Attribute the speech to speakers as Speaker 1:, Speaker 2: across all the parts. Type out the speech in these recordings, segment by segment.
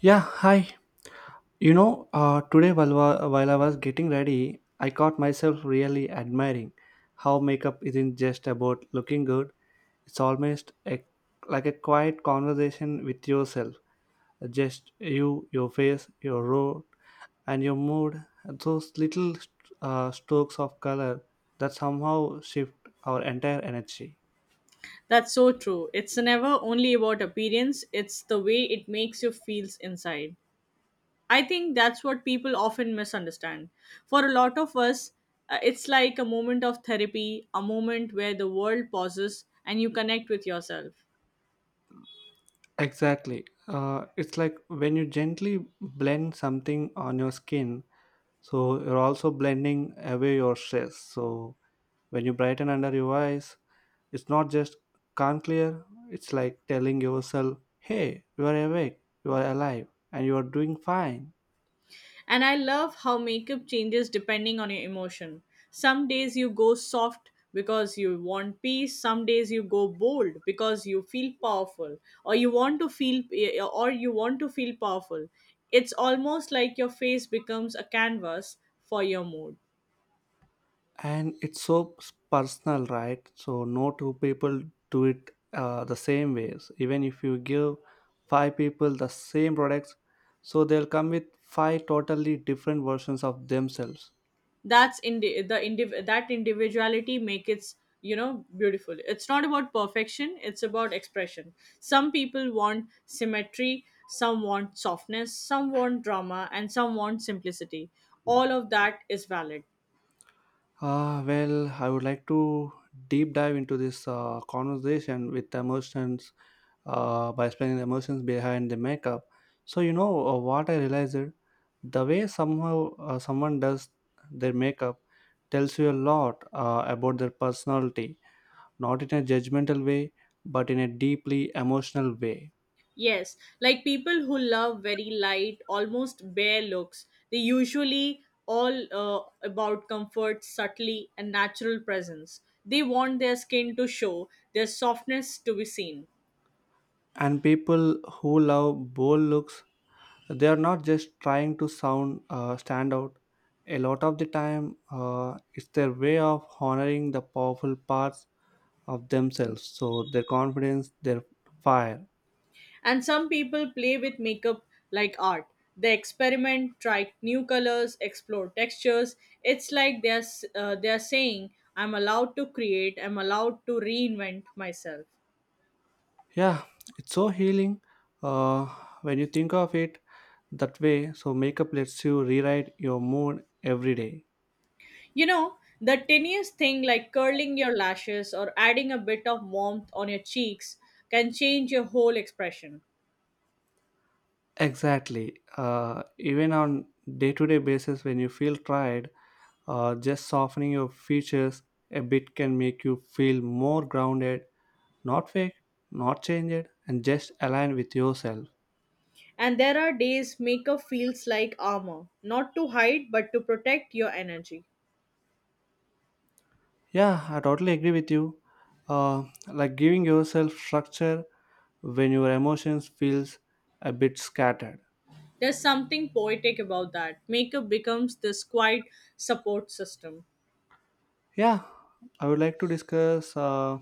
Speaker 1: Yeah, hi. You know, today while I was getting ready, I caught myself really admiring how makeup isn't just about looking good. It's almost a, like a quiet conversation with yourself. Just you, your face, your road, and your mood. Those little strokes of color that somehow shift our entire energy.
Speaker 2: That's so true. It's never only about appearance, it's the way it makes you feel inside. I think that's what people often misunderstand. For a lot of us, it's like a moment of therapy, a moment where the world pauses and you connect with yourself.
Speaker 1: Exactly. It's like when you gently blend something on your skin, so you're also blending away your stress. So when you brighten under your eyes, it's not just can't clear, it's like telling yourself, hey, you are awake, you are alive, and you are doing fine.
Speaker 2: And I love how makeup changes depending on your emotion. Some days you go soft because you want peace, some days you go bold because you feel powerful or you want to feel or you want to feel powerful. It's almost like your face becomes a canvas for your mood.
Speaker 1: And it's so personal, right? So no two people do it the same ways. Even if you give five people the same products, so they'll come with five totally different versions of themselves.
Speaker 2: That individuality make it's beautiful. It's not about perfection, it's about expression. Some people want symmetry, some want softness, some want drama, and some want simplicity. All of that is valid.
Speaker 1: Well, I would like to deep dive into this conversation with emotions by explaining the emotions behind the makeup. So you know, what I realized it? The way somehow someone does their makeup tells you a lot about their personality, not in a judgmental way, but in a deeply emotional way.
Speaker 2: Yes, like people who love very light almost bare looks, they usually all about comfort, subtlety, and natural presence. They want their skin to show, their softness to be seen.
Speaker 1: And people who love bold looks, they are not just trying to sound stand out. A lot of the time, it's their way of honoring the powerful parts of themselves, so their confidence, their fire.
Speaker 2: And some people play with makeup like art. They experiment, try new colors, explore textures. It's like they're saying, I'm allowed to create, I'm allowed to reinvent myself.
Speaker 1: Yeah, it's so healing, uh, when you think of it that way, so makeup lets you rewrite your mood every day.
Speaker 2: You know, the tiniest thing like curling your lashes or adding a bit of warmth on your cheeks can change your whole expression.
Speaker 1: Exactly. Even on day-to-day basis, when you feel tired, just softening your features a bit can make you feel more grounded, not fake, not changed, and just aligned with yourself.
Speaker 2: And there are days makeup feels like armor, not to hide but to protect your energy.
Speaker 1: Yeah, I totally agree with you. Like giving yourself structure when your emotions feels a bit scattered.
Speaker 2: There's something poetic about that. Makeup becomes this quiet support system.
Speaker 1: Yeah, I would like to discuss uh,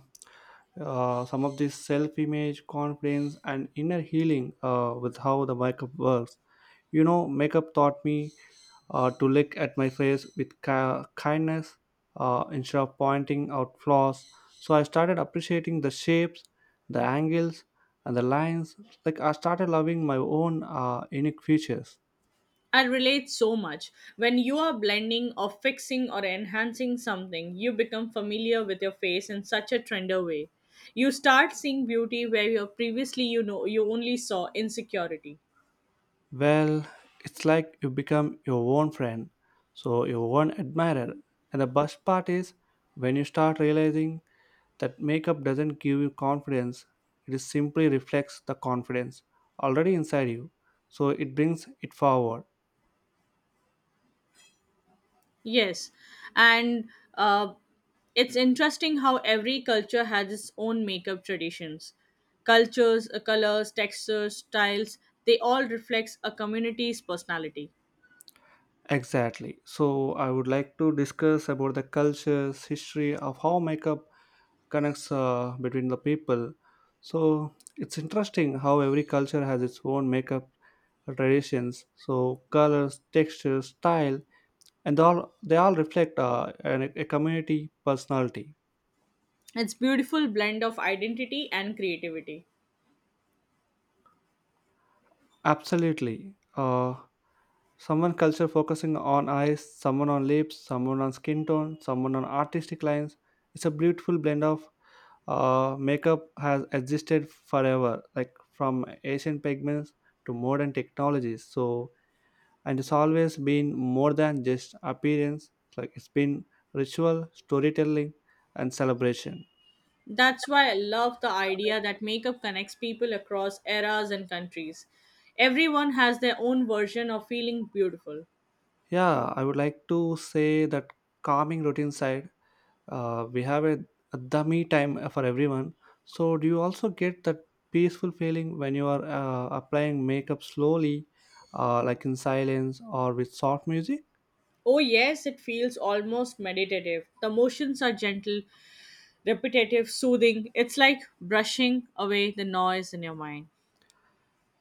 Speaker 1: uh, some of this self image, confidence, and inner healing with how the makeup works. You know, makeup taught me to look at my face with kindness instead of pointing out flaws. So I started appreciating the shapes, the angles, and the lines. Like I started loving my own unique features.
Speaker 2: I relate so much. When you are blending or fixing or enhancing something, you become familiar with your face in such a trender way. You start seeing beauty where you previously you only saw insecurity.
Speaker 1: Well, it's like you become your own friend, so your own admirer. And the best part is when you start realizing that makeup doesn't give you confidence, it is simply reflects the confidence already inside you. So it brings it forward.
Speaker 2: Yes, and uh, it's interesting how every culture has its own makeup traditions. Cultures, colors, textures, styles, they all reflect a community's personality.
Speaker 1: Exactly. So I would like to discuss about the cultures, history of how makeup connects between the people. So it's interesting how every culture has its own makeup traditions. So colors, texture, style, and all they all reflect a community personality.
Speaker 2: It's beautiful blend of identity and creativity.
Speaker 1: Absolutely. Someone culture focusing on eyes, someone on lips, someone on skin tone, someone on artistic lines. It's a beautiful blend of makeup has existed forever, like from ancient pigments to modern technologies. So, and it's always been more than just appearance. It's like it's been ritual, storytelling, and celebration.
Speaker 2: That's why I love the idea that makeup connects people across eras and countries. Everyone has their own version of feeling beautiful.
Speaker 1: Yeah, I would like to say that calming routine side, we have a dummy time for everyone. So do you also get that peaceful feeling when you are applying makeup slowly, like in silence or with soft music?
Speaker 2: Oh, yes, it feels almost meditative. The motions are gentle, repetitive, soothing. It's like brushing away the noise in your mind,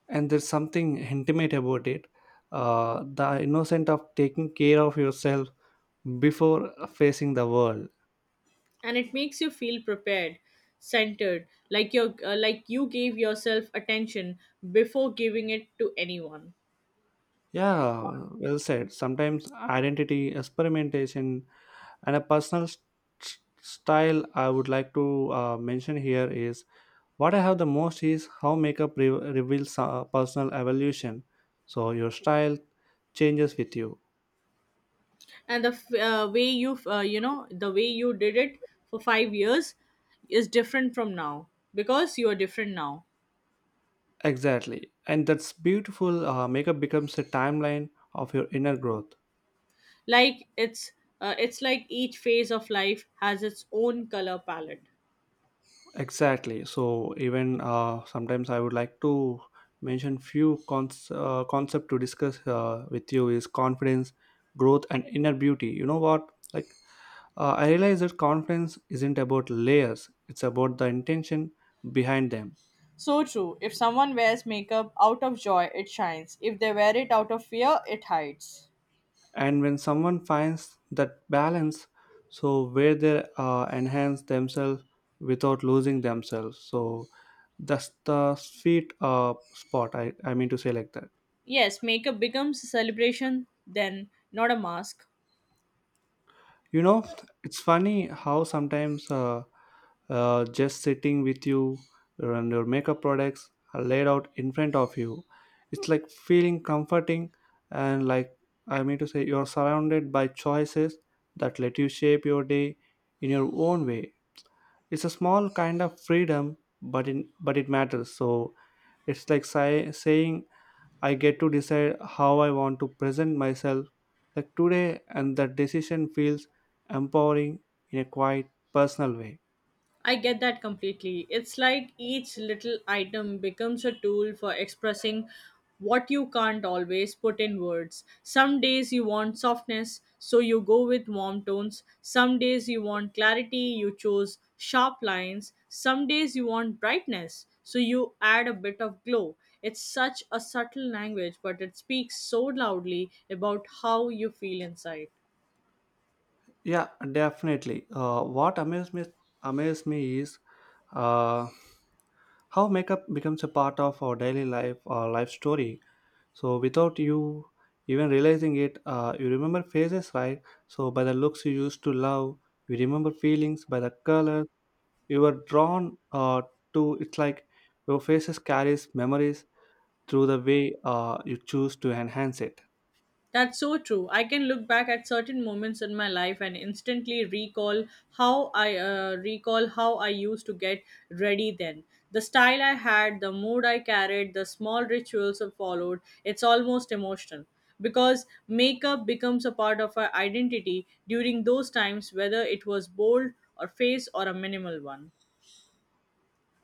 Speaker 1: And there's something intimate about it, the innocent of taking care of yourself before facing the world.
Speaker 2: and it makes you feel prepared, centered, like you gave yourself attention before giving it to anyone.
Speaker 1: Yeah, well said. Sometimes identity experimentation and a personal style, I would like to mention here is what I have the most is how makeup reveals personal evolution. So your style changes with you.
Speaker 2: And the way the way you did it for 5 years is different from now because you are different now.
Speaker 1: Exactly. And that's beautiful. Makeup becomes a timeline of your inner growth.
Speaker 2: Like it's like each phase of life has its own color palette.
Speaker 1: Exactly. So even, sometimes I would like to mention few concept to discuss with you is confidence, growth, and inner beauty. You know what? Like I realize that confidence isn't about layers. It's about the intention behind them.
Speaker 2: So true. If someone wears makeup out of joy, it shines. If they wear it out of fear, it hides.
Speaker 1: And when someone finds that balance, so where they enhance themselves without losing themselves, so that's the sweet spot, I mean to say like that.
Speaker 2: Yes, makeup becomes a celebration, then not a mask.
Speaker 1: You know, it's funny how sometimes just sitting with you and your makeup products are laid out in front of you, it's like feeling comforting. And like, I mean to say, you're surrounded by choices that let you shape your day in your own way. It's a small kind of freedom, but in, but it matters. So it's like saying, I get to decide how I want to present myself, like today, and that decision feels empowering in a quite personal way.
Speaker 2: I get that completely. It's like each little item becomes a tool for expressing what you can't always put in words. Some days you want softness, so you go with warm tones. Some days you want clarity, you chose sharp lines. Some days you want brightness, so you add a bit of glow. It's such a subtle language, but it speaks so loudly about how you feel inside.
Speaker 1: Yeah, definitely. What amazed me is, uh, how makeup becomes a part of our daily life, our life story. So without you even realizing it, you remember faces, right? So by the looks you used to love, you remember feelings by the color you were drawn to. It's like your faces carries memories through the way you choose to enhance it.
Speaker 2: That's so true. I can look back at certain moments in my life and instantly recall how I used to get ready then. The style I had, the mood I carried, the small rituals I followed. It's almost emotional because makeup becomes a part of our identity during those times, whether it was bold or face or a minimal one.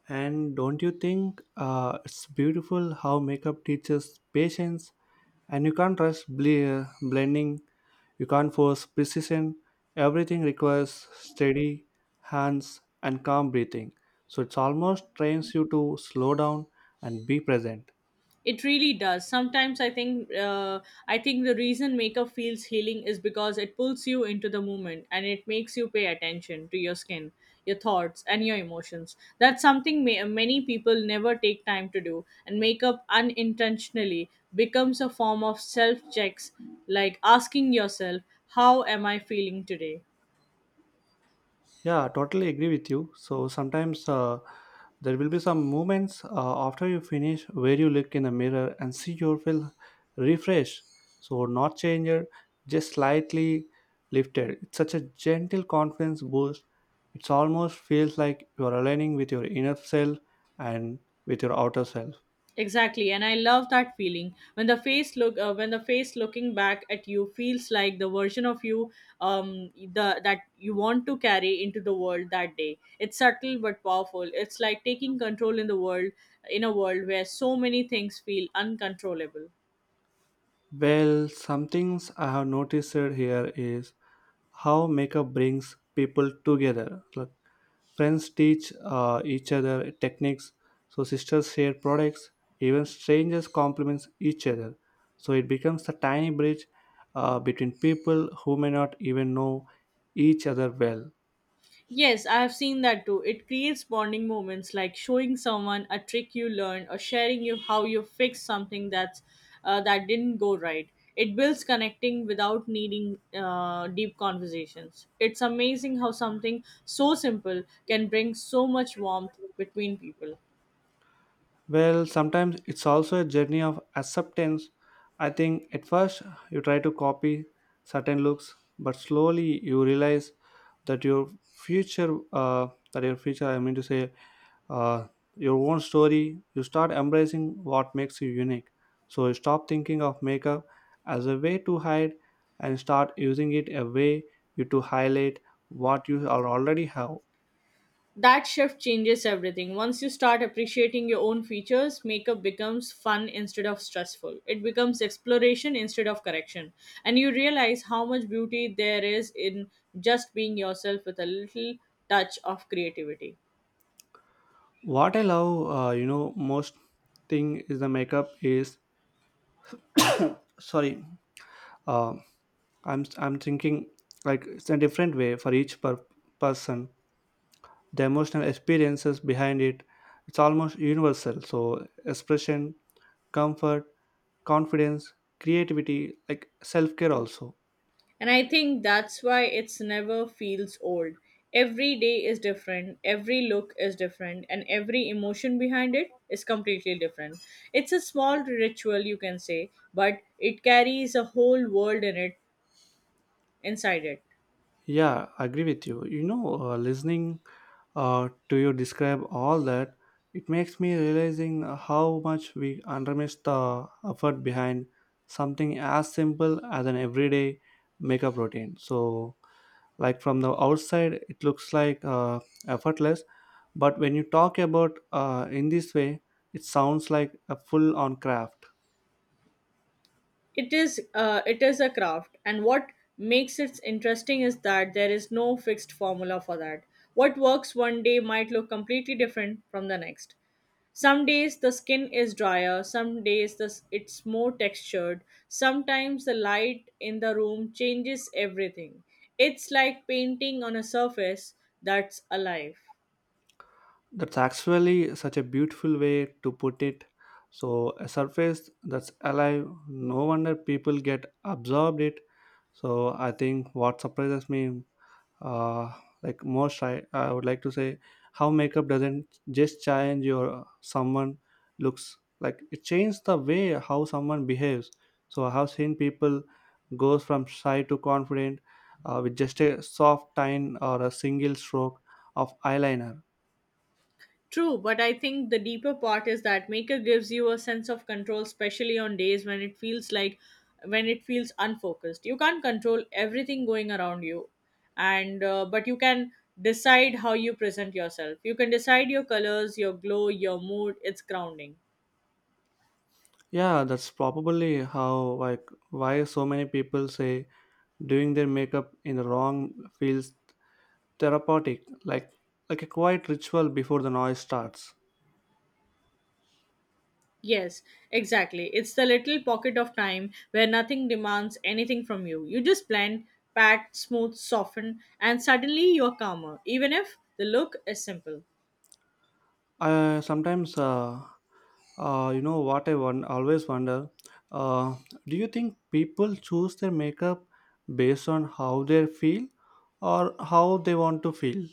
Speaker 1: And don't you think it's beautiful how makeup teaches patience, and you can't rush blending. You can't force precision, everything requires steady hands and calm breathing. So it's almost trains you to slow down and be present.
Speaker 2: It really does. Sometimes I think the reason makeup feels healing is because it pulls you into the moment, and it makes you pay attention to your skin, your thoughts, and your emotions. That's something many people never take time to do, and makeup unintentionally becomes a form of self checks, like asking yourself, how am I feeling today?
Speaker 1: Yeah, totally agree with you. So sometimes, there will be some moments after you finish where you look in the mirror and see your feel refreshed. So not changer, just slightly lifted. It's such a gentle confidence boost. It's almost feels like you are aligning with your inner self and with your outer self.
Speaker 2: Exactly, and I love that feeling when the face looking back at you feels like the version of you the that you want to carry into the world that day. It's subtle but powerful. It's like taking control in the world, in a world where so many things feel uncontrollable.
Speaker 1: Well, some things I have noticed here is how makeup brings people together. Like friends teach each other techniques, so sisters share products, even strangers compliments each other. So it becomes a tiny bridge between people who may not even know each other well.
Speaker 2: Yes, I have seen that too. It creates bonding moments like showing someone a trick you learned or sharing you how you fixed something that didn't go right. It builds connecting without needing deep conversations. It's amazing how something so simple can bring so much warmth between people.
Speaker 1: Well, sometimes it's also a journey of acceptance. I think at first you try to copy certain looks, but slowly you realize that your future, uh, future, I mean to say, uh, your own story, you start embracing what makes you unique. So stop thinking of makeup as a way to hide and start using it a way you to highlight what you are already have.
Speaker 2: That shift changes everything. Once you start appreciating your own features, makeup becomes fun instead of stressful. It becomes exploration instead of correction. And you realize how much beauty there is in just being yourself with a little touch of creativity.
Speaker 1: What I love, you know, most thing is the makeup is sorry. Uh, I'm thinking like it's a different way for each person. The emotional experiences behind it, it's almost universal. So expression, comfort confidence, creativity, like self care also.
Speaker 2: And I think that's why it's never feels old. Every day is different, every look is different, and every emotion behind it is completely different. It's a small ritual, you can say, but it carries a whole world in it inside it.
Speaker 1: Yeah, I agree with you. You know, listening to you describe all that, it makes me realizing how much we underestimate the effort behind something as simple as an everyday makeup routine. So, like from the outside, it looks like effortless, but when you talk about in this way, it sounds like a full-on craft.
Speaker 2: It is a craft, and what makes it interesting is that there is no fixed formula for that. What works one day might look completely different from the next. Some days the skin is drier, some days it's more textured. Sometimes the light in the room changes everything. It's like painting on a surface that's alive.
Speaker 1: That's actually such a beautiful way to put it. So, a surface that's alive, no wonder people get absorbed it. So, I think what surprises me, uh, like most, I would like to say how makeup doesn't just change your someone looks, like it changes the way how someone behaves. So, I have seen people goes from shy to confident with just a soft tine or a single stroke of eyeliner.
Speaker 2: True, but I think the deeper part is that Maker gives you a sense of control, especially on days when it feels unfocused. You can't control everything going around you, and but you can decide how you present yourself. You can decide your colors, your glow, your mood. It's grounding.
Speaker 1: Yeah, that's probably how like why so many people say doing their makeup in the wrong feels therapeutic, like a quiet ritual before the noise starts.
Speaker 2: Yes, exactly. It's the little pocket of time where nothing demands anything from you. You just blend, pat, smooth, soften, and suddenly you're calmer, even if the look is simple.
Speaker 1: I sometimes, you know what I always wonder, uh do you think people choose their makeup based on how they feel or how they want to feel?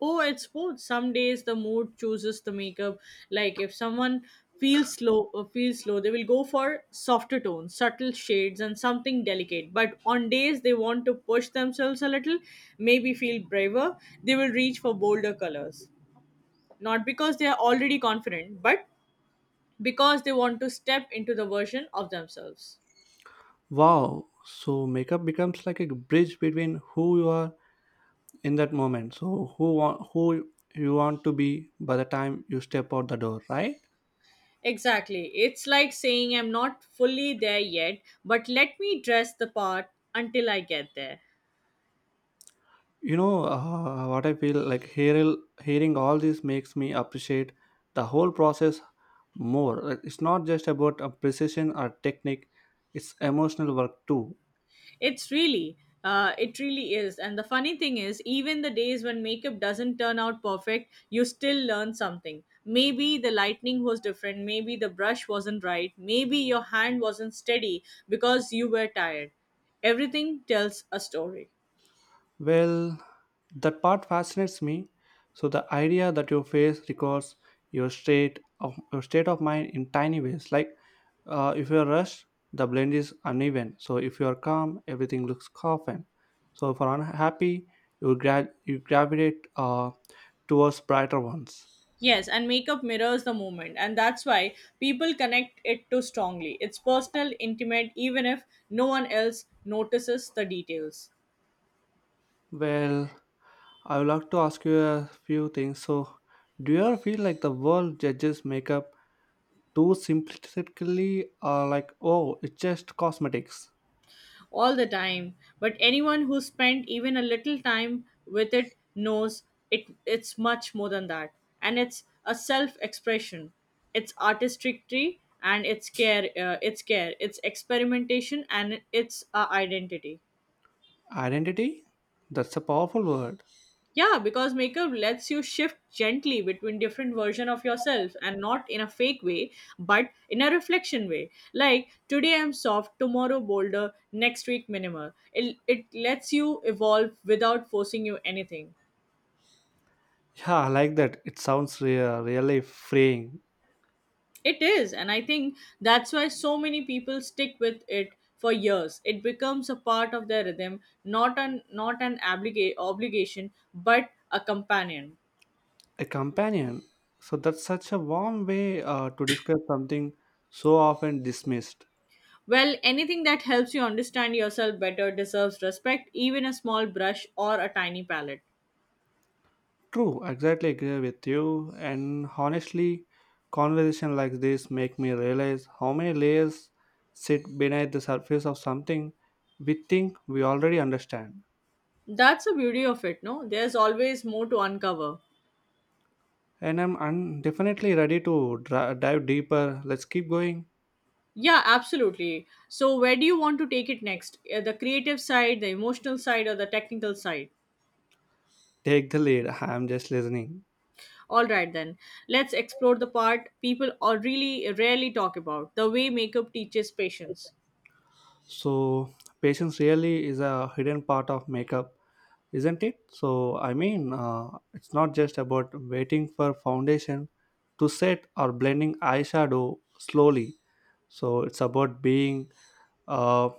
Speaker 2: Oh, it's both. Some days the mood chooses the makeup. Like if someone feels slow, they will go for softer tones, subtle shades, and something delicate. But on days they want to push themselves a little, maybe feel braver, they will reach for bolder colors. Not because they are already confident, but because they want to step into the version of themselves.
Speaker 1: Wow, so makeup becomes like a bridge between who you are in that moment, so who want who you want to be by the time you step out the door, right?
Speaker 2: Exactly. It's like saying, I'm not fully there yet, but let me dress the part until I get there.
Speaker 1: You know, what I feel like hearing all this makes me appreciate the whole process more. Like, it's not just about a precision or technique, it's emotional work too.
Speaker 2: It's really, it really is. And the funny thing is, even the days when makeup doesn't turn out perfect, you still learn something. Maybe the lightning was different, maybe the brush wasn't right, maybe your hand wasn't steady because you were tired. Everything tells a story.
Speaker 1: Well, that part fascinates me. So the idea that your face records your state of mind in tiny ways. Like if you're rushed, the blend is uneven. So if you're calm, everything looks coffin. So if you're unhappy, you gravitate towards brighter ones.
Speaker 2: Yes, and makeup mirrors the moment, and that's why people connect it too strongly. It's personal, intimate, even if no one else notices the details.
Speaker 1: Well, I would like to ask you a few things. So, do you ever feel like the world judges makeup too simplistically, or like, oh, it's just cosmetics?
Speaker 2: All the time, but anyone who spent even a little time with it knows it's much more than that. And it's a self expression, it's artistry, and it's care, it's experimentation, and it's a identity.
Speaker 1: Identity? That's a powerful word.
Speaker 2: Yeah, because makeup lets you shift gently between different version of yourself, and not in a fake way, but in a reflection way. Like today I'm soft, tomorrow bolder, next week minimal. It lets you evolve without forcing you anything.
Speaker 1: Yeah, I like that. It sounds really freeing.
Speaker 2: It is, and I think that's why so many people stick with it for years. It becomes a part of their rhythm, not an obligation, but a companion.
Speaker 1: A companion. So that's such a warm way to describe something so often dismissed.
Speaker 2: Well, anything that helps you understand yourself better deserves respect, even a small brush or a tiny palette.
Speaker 1: True, exactly agree with you. And honestly, conversation like this make me realize how many layers sit beneath the surface of something we think we already understand.
Speaker 2: That's the beauty of it, no? There's always more to uncover.
Speaker 1: And I'm definitely ready to dive deeper. Let's keep going.
Speaker 2: Yeah, absolutely. So, where do you want to take it next? The creative side, the emotional side, or the technical side?
Speaker 1: Take the lead. I'm just listening.
Speaker 2: All right, then. Let's explore the part people are really rarely talk about, the way makeup teaches patience.
Speaker 1: So, patience really is a hidden part of makeup, isn't it? So, I mean, it's not just about waiting for foundation to set or blending eyeshadow slowly. So, it's about being uh,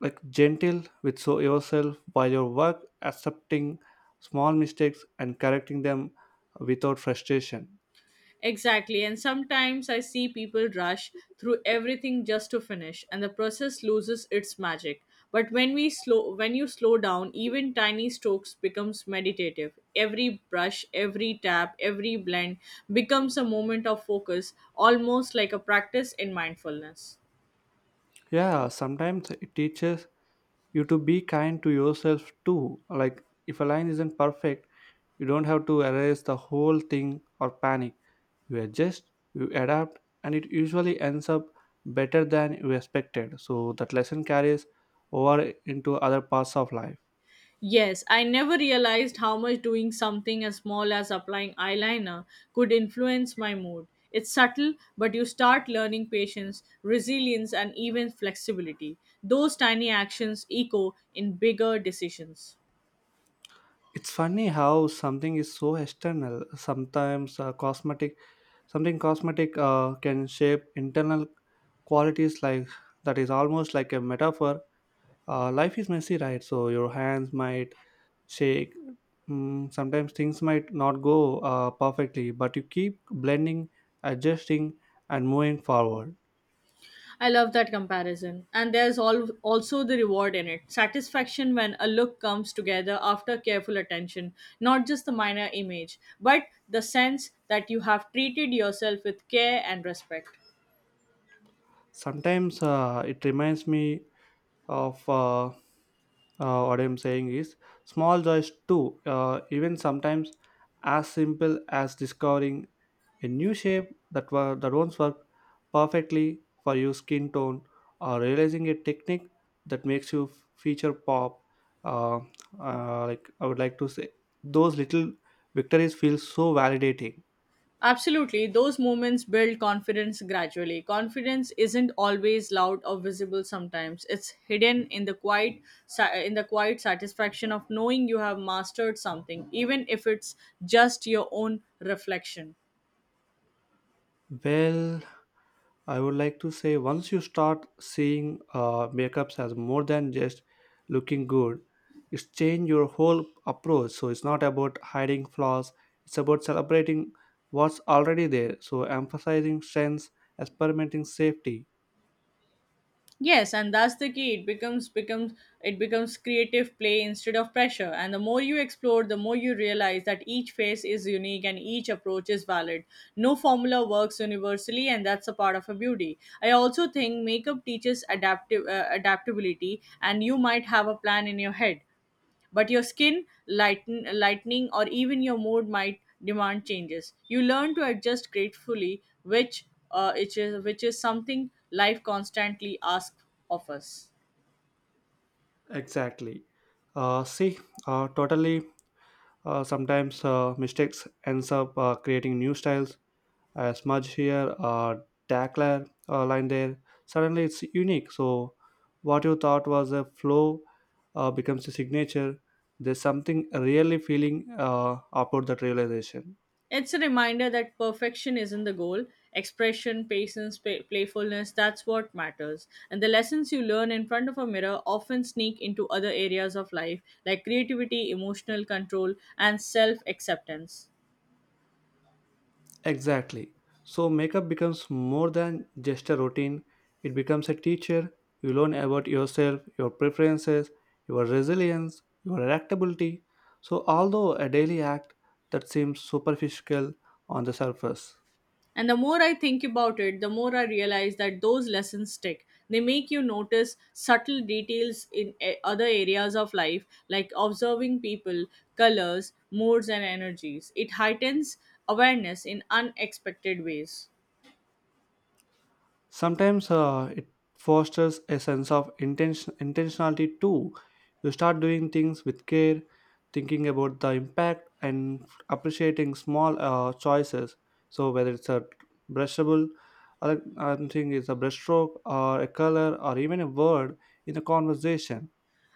Speaker 1: like gentle with so yourself while your work, accepting small mistakes and correcting them without frustration.
Speaker 2: Exactly, and sometimes I see people rush through everything just to finish, and the process loses its magic. But when you slow down, even tiny strokes becomes meditative. Every brush, every tap, every blend becomes a moment of focus, almost like a practice in mindfulness.
Speaker 1: Yeah, sometimes it teaches you to be kind to yourself too, like if a line isn't perfect you don't have to erase the whole thing or panic. You adjust, you adapt, and it usually ends up better than you expected, so that lesson carries over into other parts of life.
Speaker 2: Yes, I never realized how much doing something as small as applying eyeliner could influence my mood. It's subtle, but you start learning patience, resilience, and even flexibility. Those tiny actions echo in bigger decisions.
Speaker 1: It's funny how something is so external, sometimes cosmetic can shape internal qualities like that is almost like a metaphor. Life is messy, right? So your hands might shake. Mm, sometimes things might not go perfectly, but you keep blending, adjusting, and moving forward.
Speaker 2: I love that comparison. And there's also the reward in it, satisfaction when a look comes together after careful attention, not just the minor image, but the sense that you have treated yourself with care and respect.
Speaker 1: Sometimes, it reminds me of what I'm saying is small joys too, even sometimes as simple as discovering a new shape that, that won't work perfectly for your skin tone, or realizing a technique that makes you feature pop, uh, like I would like to say those little victories feel so validating.
Speaker 2: Absolutely, those moments build confidence gradually. Confidence isn't always loud or visible sometimes. It's hidden in the in the quiet satisfaction of knowing you have mastered something, even if it's just your own reflection.
Speaker 1: Well, I would like to say once you start seeing makeups as more than just looking good, it's changed your whole approach. So it's not about hiding flaws, it's about celebrating what's already there. So emphasizing strengths, experimenting safety.
Speaker 2: Yes, and that's the key. It becomes creative play instead of pressure. And the more you explore, the more you realize that each phase is unique and each approach is valid. No formula works universally, and that's a part of a beauty. I also think makeup teaches adaptive adaptability, and you might have a plan in your head, but your skin lightening or even your mood might demand changes. You learn to adjust gratefully, which is something life constantly asks of us.
Speaker 1: Exactly. See, totally. Sometimes mistakes ends up creating new styles, a smudge here, a tackler line there. Suddenly it's unique. So what you thought was a flow becomes a signature. There's something really feeling about that realization.
Speaker 2: It's a reminder that perfection isn't the goal, expression, patience, playfulness, that's what matters. And the lessons you learn in front of a mirror often sneak into other areas of life, like creativity, emotional control, and self acceptance.
Speaker 1: Exactly. So makeup becomes more than just a routine. It becomes a teacher. You learn about yourself, your preferences, your resilience, your adaptability. So although a daily act that seems superficial on the surface,
Speaker 2: And the more I think about it, the more I realize that those lessons stick. They make you notice subtle details in other areas of life, like observing people, colors, moods, and energies. It heightens awareness in unexpected ways.
Speaker 1: sometimes it fosters a sense of intention intentionality too. You start doing things with care, thinking about the impact and appreciating small choices, so whether it's a brushable, I'm thinking it's a brushstroke or a color or even a word in a conversation.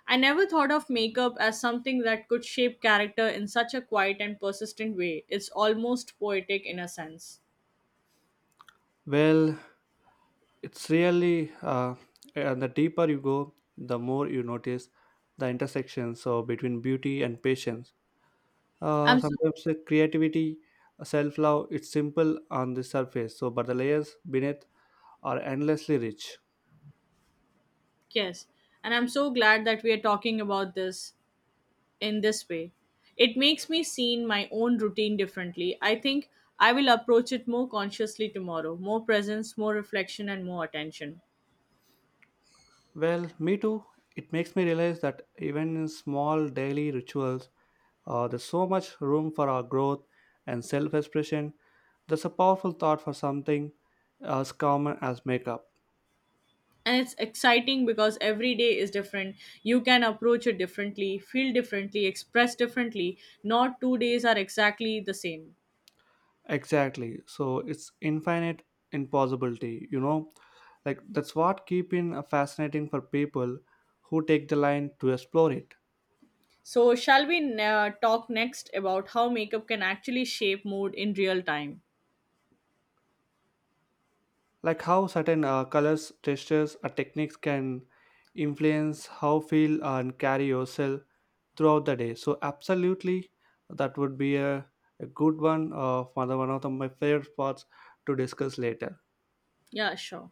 Speaker 2: I never thought of makeup as something that could shape character in such a quiet and persistent way. It's almost poetic in a sense.
Speaker 1: Well, it's really, and the deeper you go, the more you notice the intersection so between beauty and patience,
Speaker 2: I'm so
Speaker 1: sometimes the creativity, self-love. It's simple on the surface, so but the layers beneath are endlessly rich.
Speaker 2: yes, and I'm so glad that we are talking about this in this way. It makes me see my own routine differently. I think I will approach it more consciously tomorrow, more presence, more reflection, and more attention.
Speaker 1: Well, me too. It makes me realize that even in small daily rituals, there's so much room for our growth and self-expression. That's a powerful thought for something as common as makeup.
Speaker 2: And it's exciting because every day is different. You can approach it differently, feel differently, express differently. Not 2 days are exactly the same.
Speaker 1: Exactly, so it's infinite in possibility, you know, like that's what keeping fascinating for people who take the line to explore it.
Speaker 2: So, shall we talk next about how makeup can actually shape mood in real time?
Speaker 1: Like how certain colors, textures, or techniques can influence how feel and carry yourself throughout the day. So absolutely, that would be a good one, one of the- my favorite parts to discuss later.
Speaker 2: Yeah, sure.